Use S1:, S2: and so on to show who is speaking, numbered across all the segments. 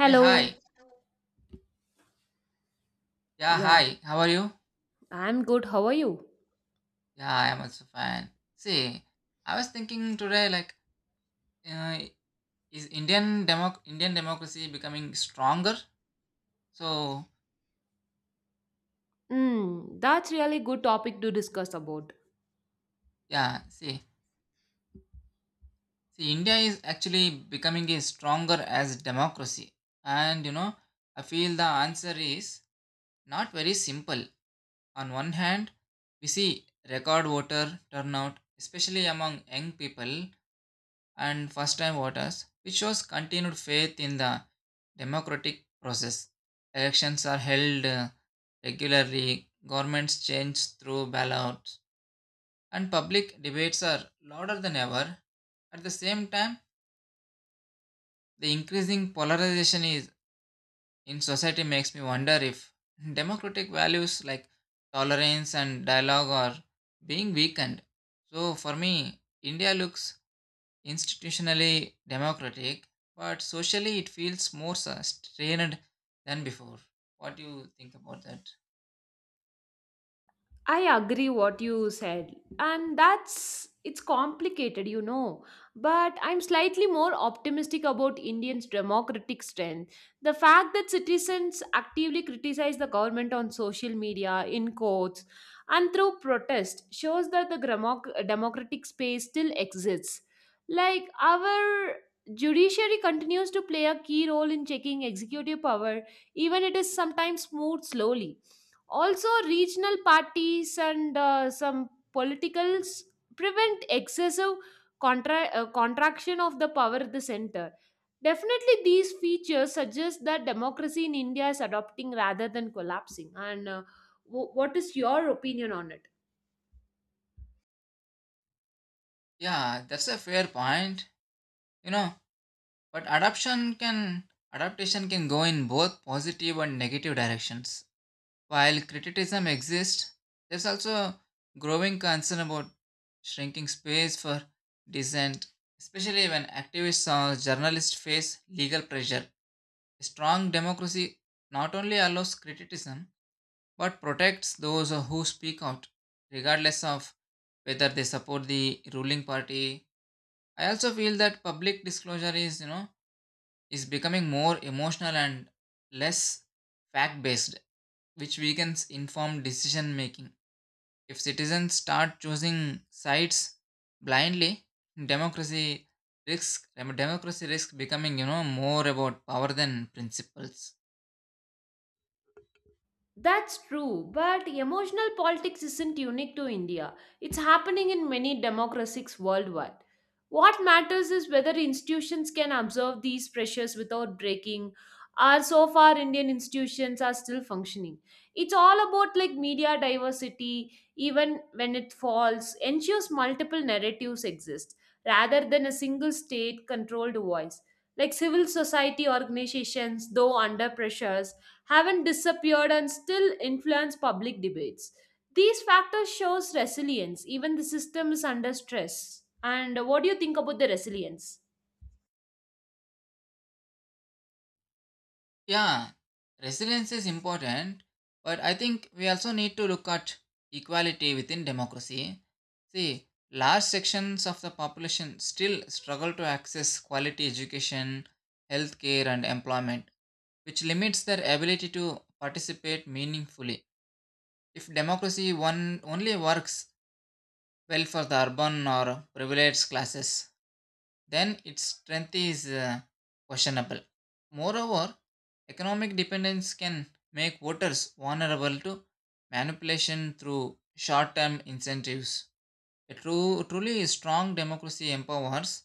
S1: Hey, hi. Yeah,
S2: Yeah,
S1: hi. How are you?
S2: I'm good. How are you?
S1: Yeah, I am also fine. See, I was thinking today, uh, is Indian democracy becoming stronger? So,
S2: Mm, that's really good topic to discuss about.
S1: yeah, see, see, India is actually becoming a stronger as democracy, and I feel the answer is not very simple. On one hand, we see record voter turnout, especially among young people, and first time voters, which shows continued faith in the democratic process. Elections are held regularly, governments change through ballots, and public debates are louder than ever. At the same time, the increasing polarization is in society makes me wonder if democratic values like tolerance and dialogue are being weakened. So for me, India looks institutionally democratic, but socially it feels more strained than before. What do you think about that?
S2: I agree what you said and that's it's complicated you know but I'm slightly more optimistic about Indians democratic strength the fact that citizens actively criticize the government on social media in courts and through protest shows that the democratic space still exists like our judiciary continues to play a key role in checking executive power even it is sometimes moved slowly also, regional parties and some politicals prevent excessive contraction of the power at the center. Definitely, these features suggest that democracy in India is adopting rather than collapsing. What is your opinion on it?
S1: Yeah, that's a fair point. You know, but adoption can adaptation can go in both positive and negative directions. While criticism exists, there's also growing concern about shrinking space for dissent, especially when activists or journalists face legal pressure. A strong democracy not only allows criticism but protects those who speak out, regardless of whether they support the ruling party. I also feel that public disclosure is, is becoming more emotional and less fact based, which weakens informed decision making. If citizens start choosing sides blindly, democracy democracy risks becoming, more about power than principles.
S2: That's true, but emotional politics isn't unique to India. It's happening in many democracies worldwide. What matters is whether institutions can absorb these pressures without breaking. Are so far Indian institutions are still functioning. It's all about like media diversity, even when it falls, ensures multiple narratives exist rather than a single state controlled voice. Like civil society organizations, though under pressures, haven't disappeared and still influence public debates. These factors shows resilience even the system is under stress. And what do you think about the resilience?
S1: Yeah, resilience is important, but I think we also need to look at equality within democracy. See, large sections of the population still struggle to access quality education, healthcare, and employment, which limits their ability to participate meaningfully. If democracy one only works well for the urban or privileged classes, then its strength is questionable. Moreover, economic dependence can make voters vulnerable to manipulation through short term incentives. Truly strong democracy empowers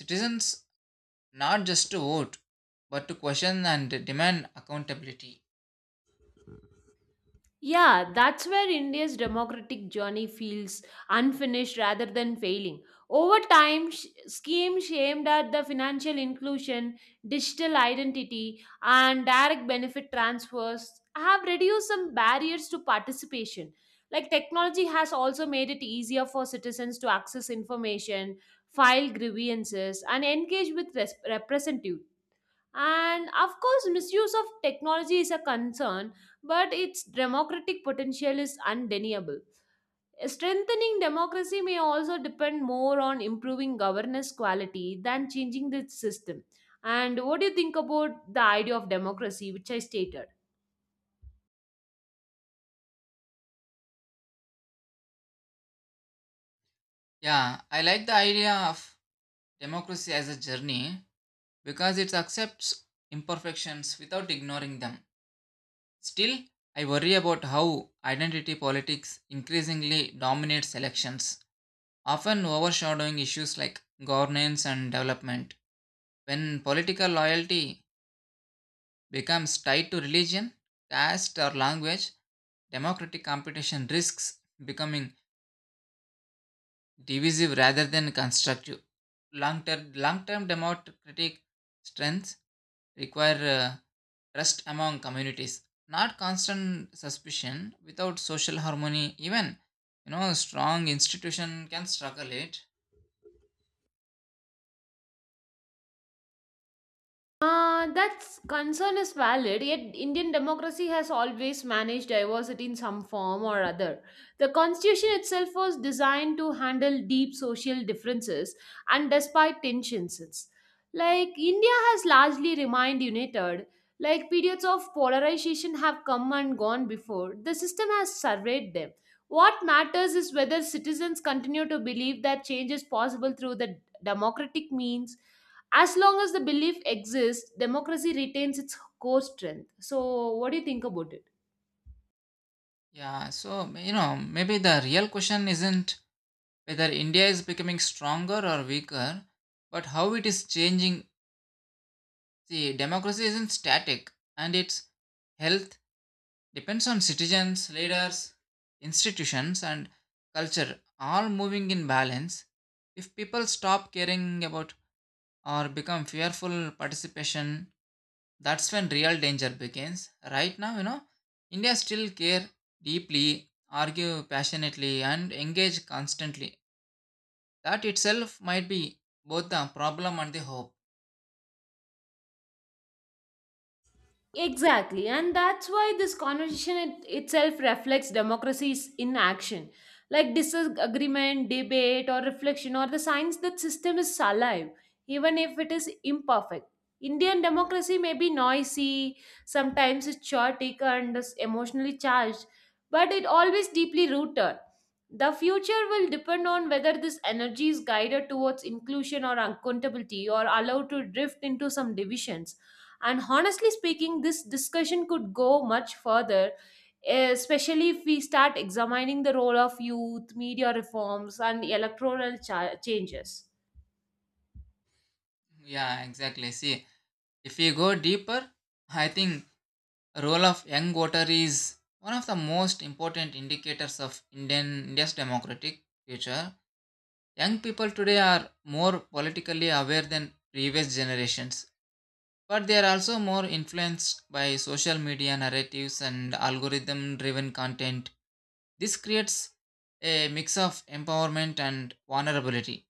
S1: citizens not just to vote but to question and demand accountability.
S2: Yeah, that's where India's democratic journey feels unfinished rather than failing. Over time, schemes aimed at the financial inclusion, digital identity, and direct benefit transfers have reduced some barriers to participation. Like technology has also made it easier for citizens to access information, file grievances, and engage with representatives. And of course, misuse of technology is a concern, but its democratic potential is undeniable. Strengthening democracy may also depend more on improving governance quality than changing the system. And what do you think about the idea of democracy, which I stated?
S1: Yeah, I like the idea of democracy as a journey because it accepts imperfections without ignoring them. Still, I worry about how identity politics increasingly dominates elections, often overshadowing issues like governance and development. When political loyalty becomes tied to religion, caste, or language, democratic competition risks becoming divisive rather than constructive. Long term democratic strength require trust among communities not constant suspicion without social harmony even strong institution can struggle it.
S2: That concern is valid, yet Indian democracy has always managed diversity in some form or other. The constitution itself was designed to handle deep social differences and despite tensions. Like India has largely remained united, like periods of polarization have come and gone before, the system has surveyed them. What matters is whether citizens continue to believe that change is possible through the democratic means as long as the belief exists, democracy retains its core strength. So, what do you think about it?
S1: Yeah so maybe the real question isn't whether India is becoming stronger or weaker but how it is changing. See, democracy isn't static and its health depends on citizens, leaders, institutions, and culture all moving in balance. If people stop caring about or become fearful participation, that's when real danger begins. Right now, India still care deeply, argue passionately, and engage constantly. That itself might be both the problem and the hope.
S2: Exactly, and that's why this itself reflects democracies in action, like disagreement, debate, or reflection, or the signs that system is alive, even if it is imperfect. Indian democracy may be noisy, sometimes it's chaotic and is emotionally charged, but it always deeply rooted. The future will depend on whether this energy is guided towards inclusion or accountability, or allowed to drift into some divisions and honestly speaking, this discussion could go much further, especially if we start examining the role of youth, media reforms, and electoral changes.
S1: Yeah, exactly. See, if we go deeper I think role of young voter is one of the most important indicators of indian India's democratic future. Young people today are more politically aware than previous generations. But they are also more influenced by social media narratives and algorithm driven content. This creates a mix of empowerment and vulnerability,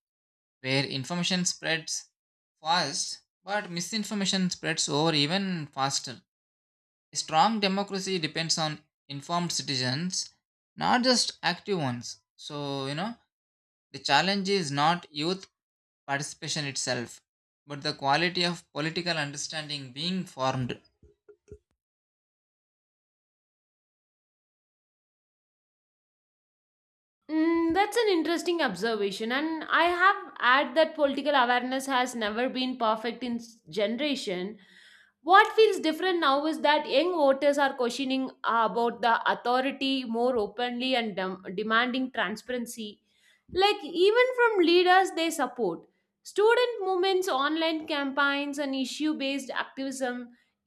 S1: where information spreads fast, but misinformation spreads over even faster. A strong democracy depends on informed citizens, not just active ones. So, the challenge is not youth participation itself, but the quality of political understanding being formed.
S2: Mm, that's an interesting observation, and I have add that political awareness has never been perfect in generation. What feels different now is that young voters are questioning about the authority more openly and demanding transparency like even from leaders they support student movements online campaigns and issue based activism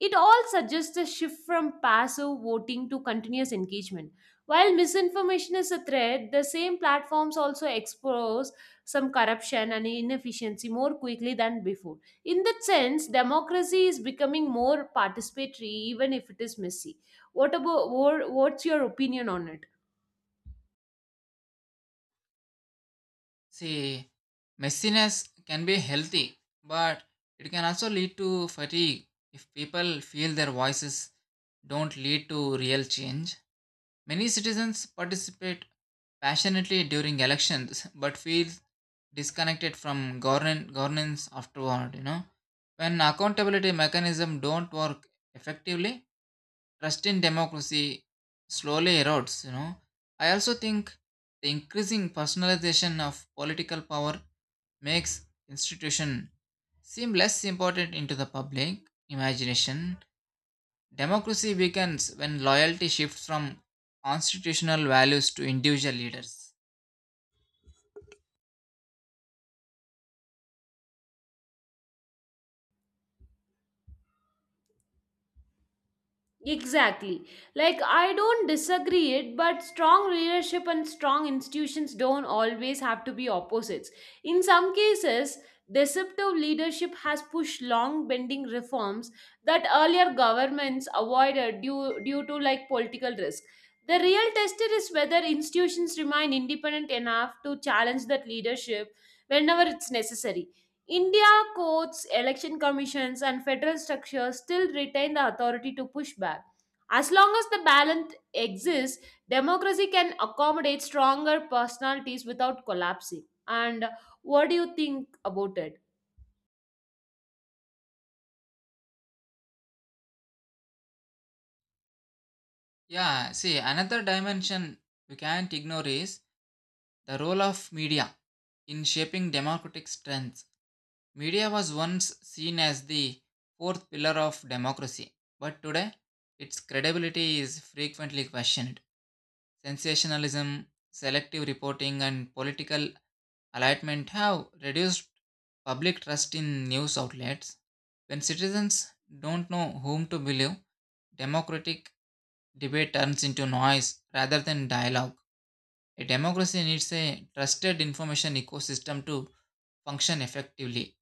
S2: it all suggests a shift from passive voting to continuous engagement while misinformation is a threat the same platforms also expose some corruption and inefficiency more quickly than before in that sense democracy is becoming more participatory even if it is messy what's your opinion on it?
S1: See, messiness can be healthy, but it can also lead to fatigue if people feel their voices don't lead to real change. Many citizens participate passionately during elections but feel disconnected from governance afterward, When accountability mechanism don't work effectively, trust in democracy slowly erodes, I also think the increasing personalization of political power makes institution seem less important into the public imagination. Democracy weakens when loyalty shifts from constitutional values to individual leaders.
S2: Exactly. Like, I don't disagree it, but strong leadership and strong institutions don't always have to be opposites. In some cases, deceptive leadership has pushed long bending reforms that earlier governments avoided due to like political risk. The real tester is whether institutions remain independent enough to challenge that leadership whenever it's necessary India courts, election commissions, and federal structures still retain the authority to push back. As long as the balance exists, democracy can accommodate stronger personalities without collapsing. And what do you think about it?
S1: Yeah, see, another dimension we can't ignore is the role of media in shaping democratic strength. Media was once seen as the fourth pillar of democracy, but today its credibility is frequently questioned. Sensationalism, selective reporting, and political alignment have reduced public trust in news outlets. When citizens don't know whom to believe, democratic debate turns into noise rather than dialogue. A democracy needs a trusted information ecosystem to function effectively.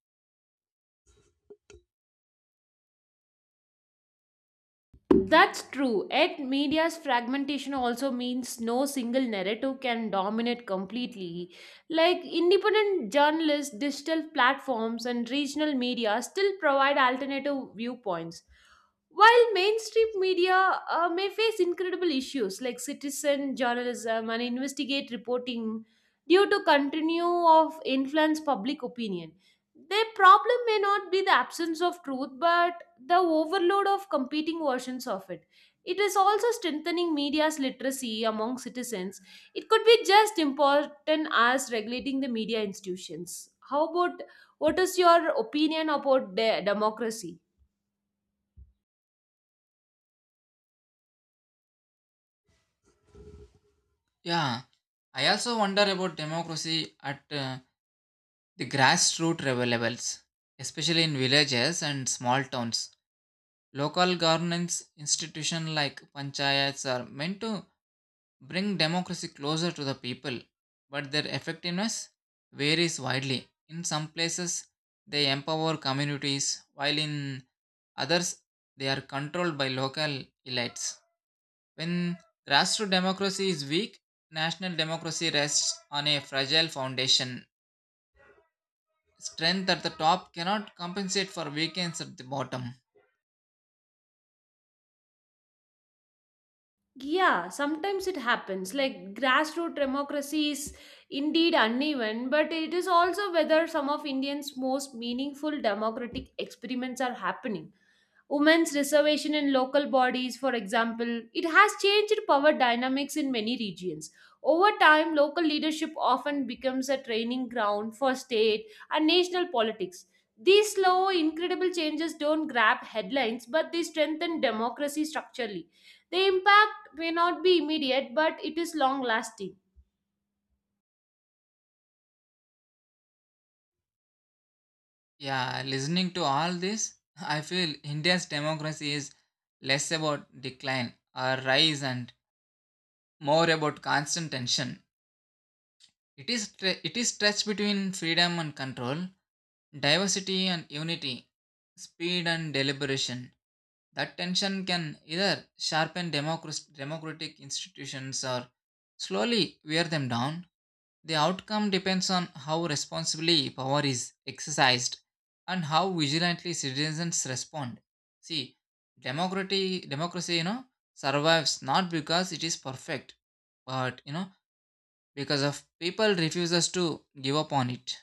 S2: That's true. Yet media's fragmentation also means no single narrative can dominate completely. Like independent journalists, digital platforms, and regional media still provide alternative viewpoints. While mainstream media may face incredible issues like citizen journalism and investigate reporting due to continue of influence public opinion, their problem may not be the absence of truth, but the overload of competing versions of it. It is also strengthening media's literacy among citizens. It could be just important as regulating the media institutions. How about what is your opinion about democracy?
S1: Yeah, I also wonder about democracy at the grassroots levels, especially in villages and small towns. Local governance institutions like panchayats are meant to bring democracy closer to the people, but their effectiveness varies widely. In some places, they empower communities, while in others, they are controlled by local elites. When grassroots democracy is weak, national democracy rests on a fragile foundation. Strength at the top cannot compensate for weakness at the bottom.
S2: Yeah, sometimes it happens. Like grassroots democracy is indeed uneven, but it is also whether some of Indians' most meaningful democratic experiments are happening. Women's reservation in local bodies, for example, it has changed power dynamics in many regions. Over time, local leadership often becomes a training ground for state and national politics. These slow, incredible changes don't grab headlines, but they strengthen democracy structurally. The impact may not be immediate, but it is long lasting.
S1: Yeah, listening to all this, I feel India's democracy is less about decline or rise and more about constant tension. It is stretched between freedom and control, diversity and unity, speed and deliberation. That tension can either sharpen democratic institutions or slowly wear them down. The outcome depends on how responsibly power is exercised and how vigilantly citizens respond. See, democracy, survives not because it is perfect, but because of people refuses to give up on it.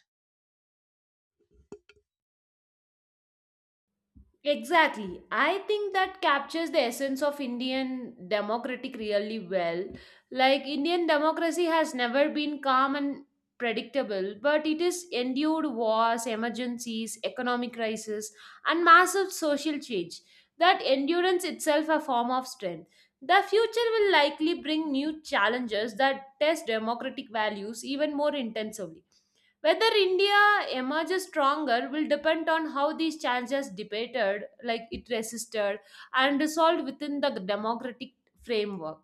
S2: Exactly. I think that captures the essence of Indian democratic really well. Like Indian democracy has never been calm and predictable, but it has endured wars, emergencies, economic crisis, and massive social change. That endurance itself a form of strength. The future will likely bring new challenges that test democratic values even more intensively. Whether India emerges stronger will depend on how these challenges debated, like it resisted and resolved within the democratic framework.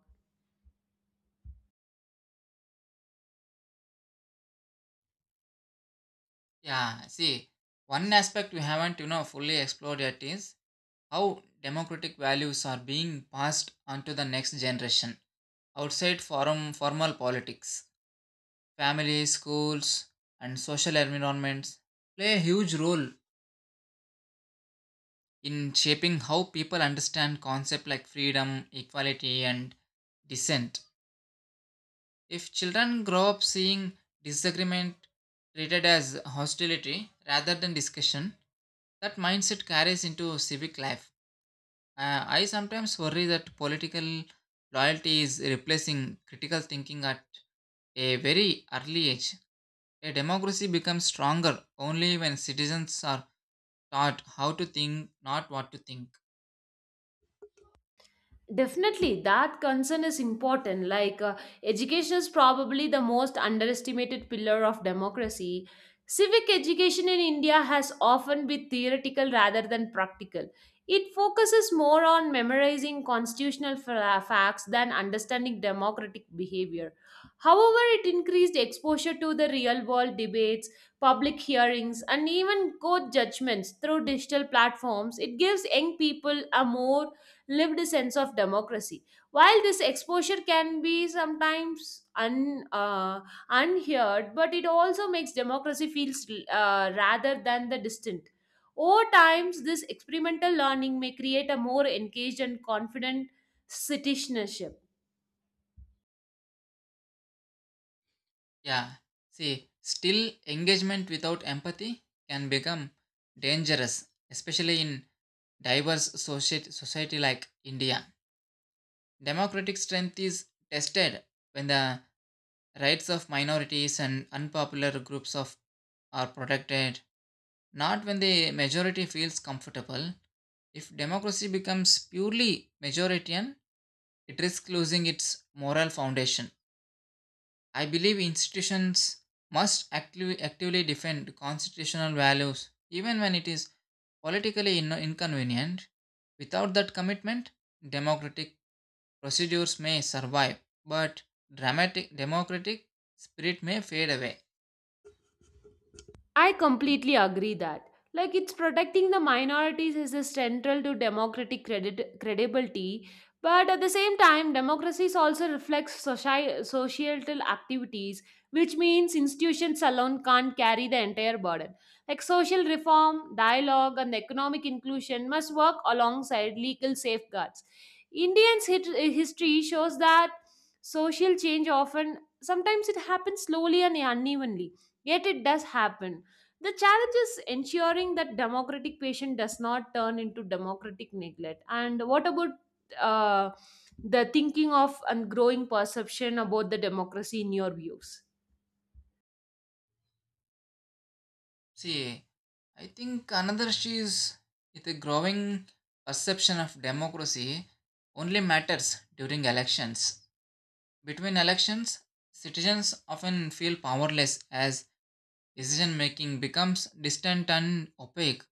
S1: Yeah, see, one aspect we haven't fully explored yet is how democratic values are being passed on to the next generation outside forum formal politics. Families, schools, and social environments play a huge role in shaping how people understand concepts like freedom, equality, and dissent. If children grow up seeing disagreement treated as hostility rather than discussion, that mindset carries into civic life. I sometimes worry that political loyalty is replacing critical thinking at a very early age. A democracy becomes stronger only when citizens are taught how to think, not what to think.
S2: Definitely, that concern is important. Education is probably the most underestimated pillar of democracy. Civic education in India has often been theoretical rather than practical. It focuses more on memorizing constitutional facts than understanding democratic behavior. However, it increased exposure to the real world debates, public hearings, and even court judgments through digital platforms. It gives young people a more lived sense of democracy. While this exposure can be sometimes unheard, but it also makes democracy feels rather than the distant. Over times, this experimental learning may create a more engaged and confident citizenship.
S1: Yeah, see, still engagement without empathy can become dangerous, especially in society like India. Democratic strength is tested when the rights of minorities and unpopular groups of are protected, not when the majority feels comfortable. If democracy becomes purely majoritarian, it risks losing its moral foundation. I believe institutions must actively defend constitutional values even when it is politically inconvenient. Without that commitment, democratic procedures may survive, but dramatic democratic spirit may fade away.
S2: I completely agree that. Like it's protecting the minorities is a central to democratic credit credibility, but at the same time, democracies also reflects societal activities, which means institutions alone can't carry the entire burden. Like social reform, dialogue, and economic inclusion must work alongside legal safeguards. Indians' history shows that social change often, sometimes it happens slowly and unevenly, yet it does happen the challenge is ensuring that democratic patient does not turn into democratic neglect. And what about uh, the thinking of and growing perception about the democracy in your views?
S1: See, I think another issue is the growing perception of democracy only matters during elections. Between elections, citizens often feel powerless as decision making becomes distant and opaque.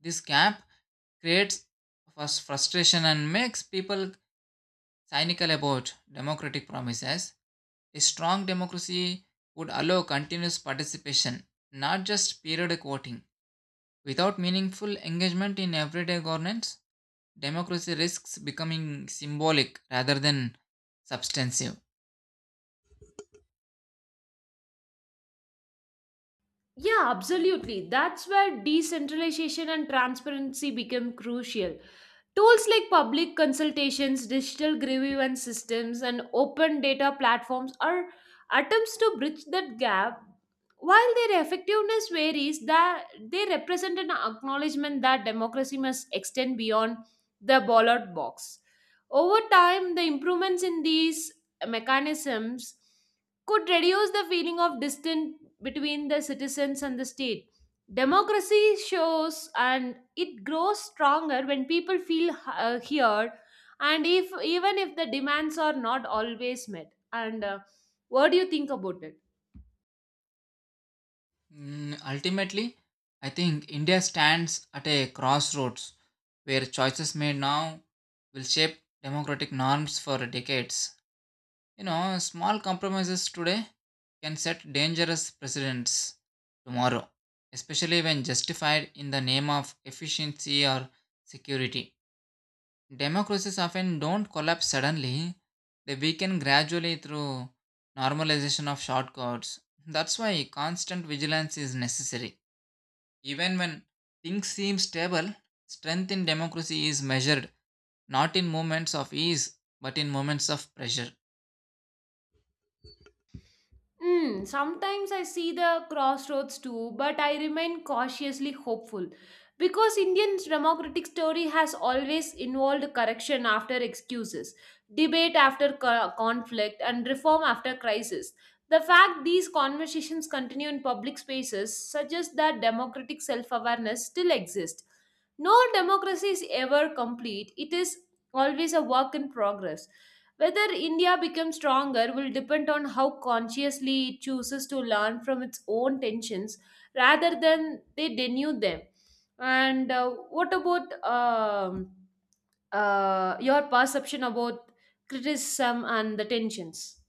S1: This gap creates frustration and makes people cynical about democratic promises. A strong democracy would allow continuous participation, not just periodic voting. Without meaningful engagement in everyday governance, democracy risks becoming symbolic rather than substantive.
S2: Yeah, absolutely. That's where decentralization and transparency become crucial. Tools like public consultations, digital grievance systems, and open data platforms are attempts to bridge that gap. While their effectiveness varies, that they represent an acknowledgement that democracy must extend beyond the ballot box. Over time, the improvements in these mechanisms could reduce the feeling of distance between the citizens and the state. Democracy shows and it grows stronger when people feel heard, and if even if the demands are not always met. And What do you think about it?
S1: Mm, ultimately, I think India stands at a crossroads where choices made now will shape democratic norms for decades. Small compromises today can set dangerous precedents tomorrow, especially when justified in the name of efficiency or security. Democracies often don't collapse suddenly, they weaken gradually through normalization of shortcuts. That's why constant vigilance is necessary. Even when things seem stable, strength in democracy is measured not in moments of ease but in moments of pressure.
S2: Mm, sometimes I see the crossroads too, but I remain cautiously hopeful because Indian democratic story has always involved correction after excuses, debate after conflict, and reform after crisis. The fact these conversations continue in public spaces suggests that democratic self awareness still exists. No democracy is ever complete, it is always a work in progress. Whether India becomes stronger will depend on how consciously it chooses to learn from its own tensions rather than they denude them. And what about Your perception about criticism and the tensions?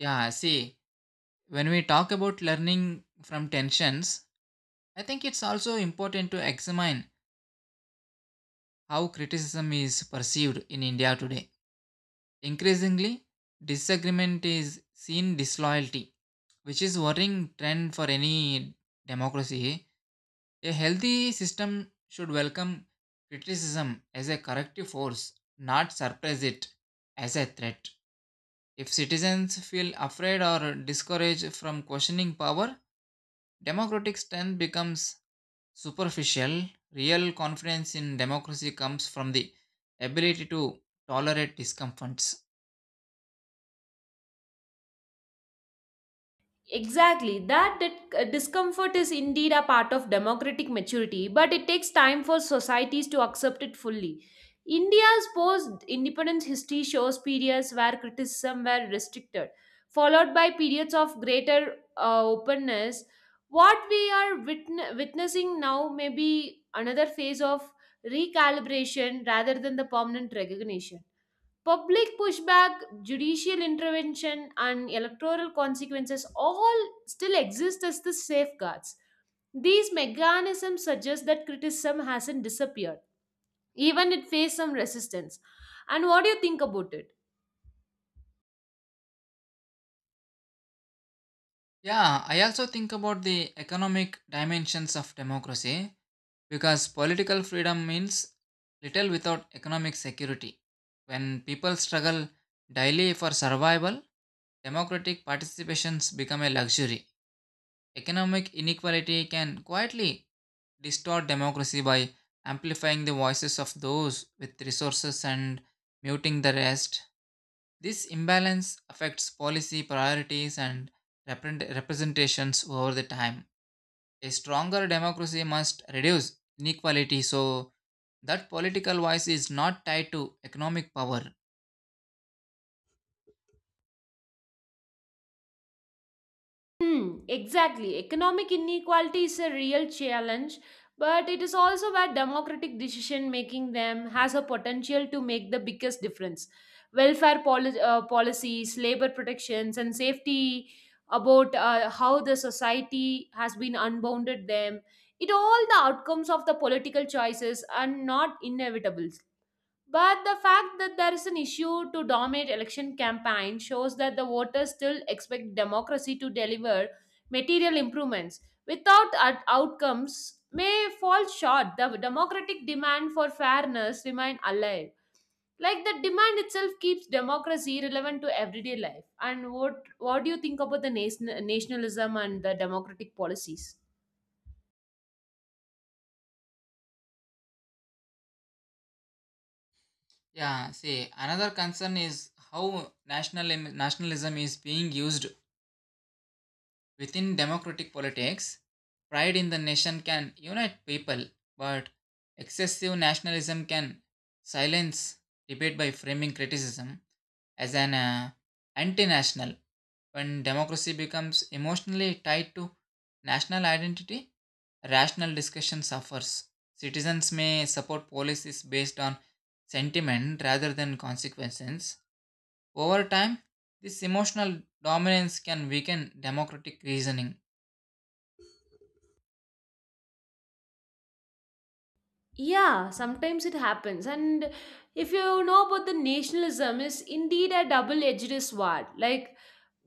S1: Yeah, see, when we talk about learning from tensions, I think it's also important to examine how criticism is perceived in India today. Increasingly, disagreement is seen disloyalty, which is worrying trend for any democracy. A healthy system should welcome criticism as a corrective force, not suppress it as a threat. If citizens feel afraid or discouraged from questioning power, democratic strength becomes superficial. Real confidence in democracy comes from the ability to tolerate discomforts.
S2: Exactly. That discomfort is indeed a part of democratic maturity, but it takes time for societies to accept it fully. India's post independence history shows periods where criticism were restricted, followed by periods of greater openness. What we are witnessing now may be another phase of recalibration rather than the permanent recognition. Public pushback, judicial intervention, and electoral consequences all still exist as the safeguards. These mechanisms suggest that criticism hasn't disappeared, even it faced some resistance. And what do you think about it?
S1: Yeah, I also think about the economic dimensions of democracy because political freedom means little without economic security. When people struggle daily for survival, democratic participations become a luxury. Economic inequality can quietly distort democracy by amplifying the voices of those with resources and muting the rest. This imbalance affects policy priorities and representations over the time. A stronger democracy must reduce inequality so that political voice is not tied to economic power.
S2: Hmm, exactly. Economic inequality is a real challenge, but it is also where democratic decision making them has a potential to make the biggest difference. Policies, labor protections, and safety about how the society has been unbounded them. It all the outcomes of the political choices are not inevitable. But the fact that there is an issue to dominate election campaign shows that the voters still expect democracy to deliver material improvements without outcomes may fall short. The democratic demand for fairness remain alive. Like the demand itself keeps democracy relevant to everyday life. And what do you think about the nationalism and the democratic policies?
S1: Yeah, see, another concern is how nationalism is being used within democratic politics. Pride in the nation can unite people, but excessive nationalism can silence debate by framing criticism as an anti-national. When democracy becomes emotionally tied to national identity, rational discussion suffers. Citizens may support policies based on sentiment rather than consequences. Over time, this emotional dominance can weaken democratic reasoning.
S2: Yeah, sometimes it happens. And if you know about the nationalism, is indeed a double-edged sword. Like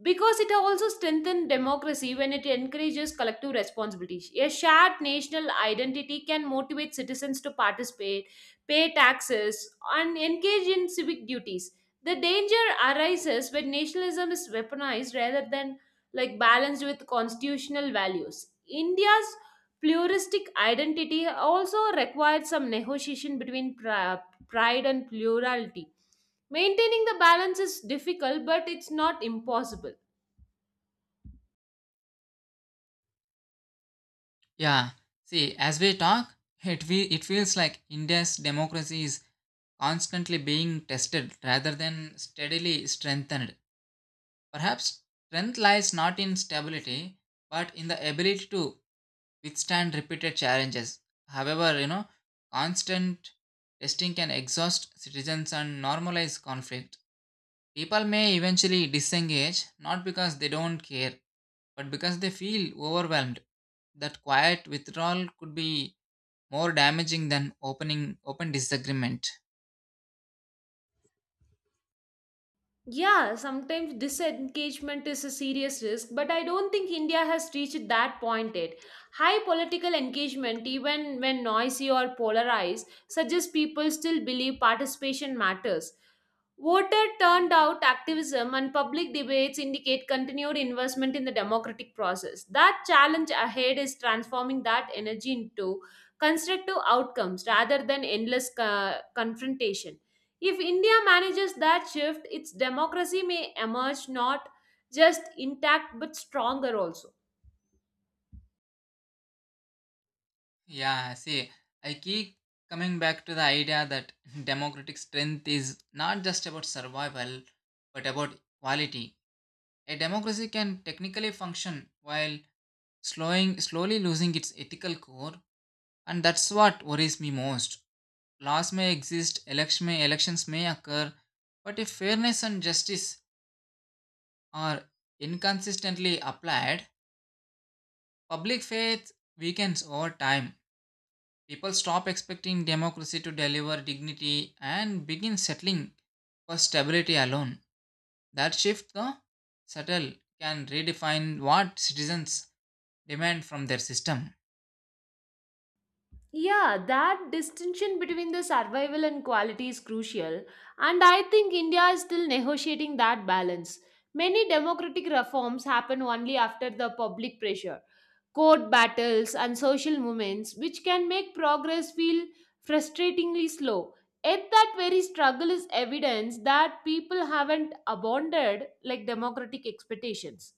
S2: because it also strengthens democracy when it encourages collective responsibility. A shared national identity can motivate citizens to participate, pay taxes, and engage in civic duties. The danger arises when nationalism is weaponized rather than like balanced with constitutional values. India's pluralistic identity also required some negotiation between pride and plurality. Maintaining the balance is difficult, but it's not impossible.
S1: Yeah, see, as we talk, it feels like India's democracy is constantly being tested rather than steadily strengthened. Perhaps strength lies not in stability, but in the ability to withstand repeated challenges. However, constant testing can exhaust citizens and normalize conflict. People may eventually disengage not because they don't care, but because they feel overwhelmed. That quiet withdrawal could be more damaging than open disagreement.
S2: Yeah, sometimes disengagement is a serious risk, but I don't think India has reached that point yet. High political engagement, even when noisy or polarized, suggests people still believe participation matters. Voter turned out activism and public debates indicate continued investment in the democratic process. That challenge ahead is transforming that energy into constructive outcomes rather than endless confrontation. If India manages that shift, its democracy may emerge not just intact but stronger also.
S1: Yeah, see, I keep coming back to the idea that democratic strength is not just about survival, but about quality. A democracy can technically function while slowly losing its ethical core, and that's what worries me most. Laws may exist, elections may occur, but if fairness and justice are inconsistently applied, public faith weakens over time. People stop expecting democracy to deliver dignity and begin settling for stability alone. That shift, though subtle, can redefine what citizens demand from their system.
S2: Yeah, that distinction between the survival and quality is crucial, and I think India is still negotiating that balance. Many democratic reforms happen only after the public pressure, court battles, and social movements, which can make progress feel frustratingly slow. Yet, that very struggle is evidence that people haven't abandoned like democratic expectations.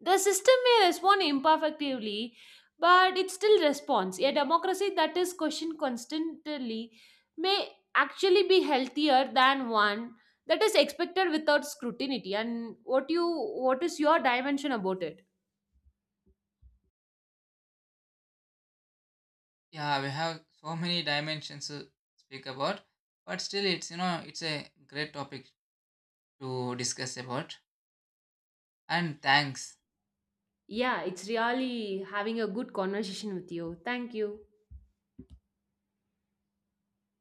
S2: The system may respond imperfectly, but it still responds. A democracy that is questioned constantly may actually be healthier than one that is expected without scrutiny. And what is your dimension about it?
S1: Yeah, we have so many dimensions to speak about, but still, it's it's a great topic to discuss about. And thanks.
S2: Yeah, it's really having a good conversation with you. Thank you.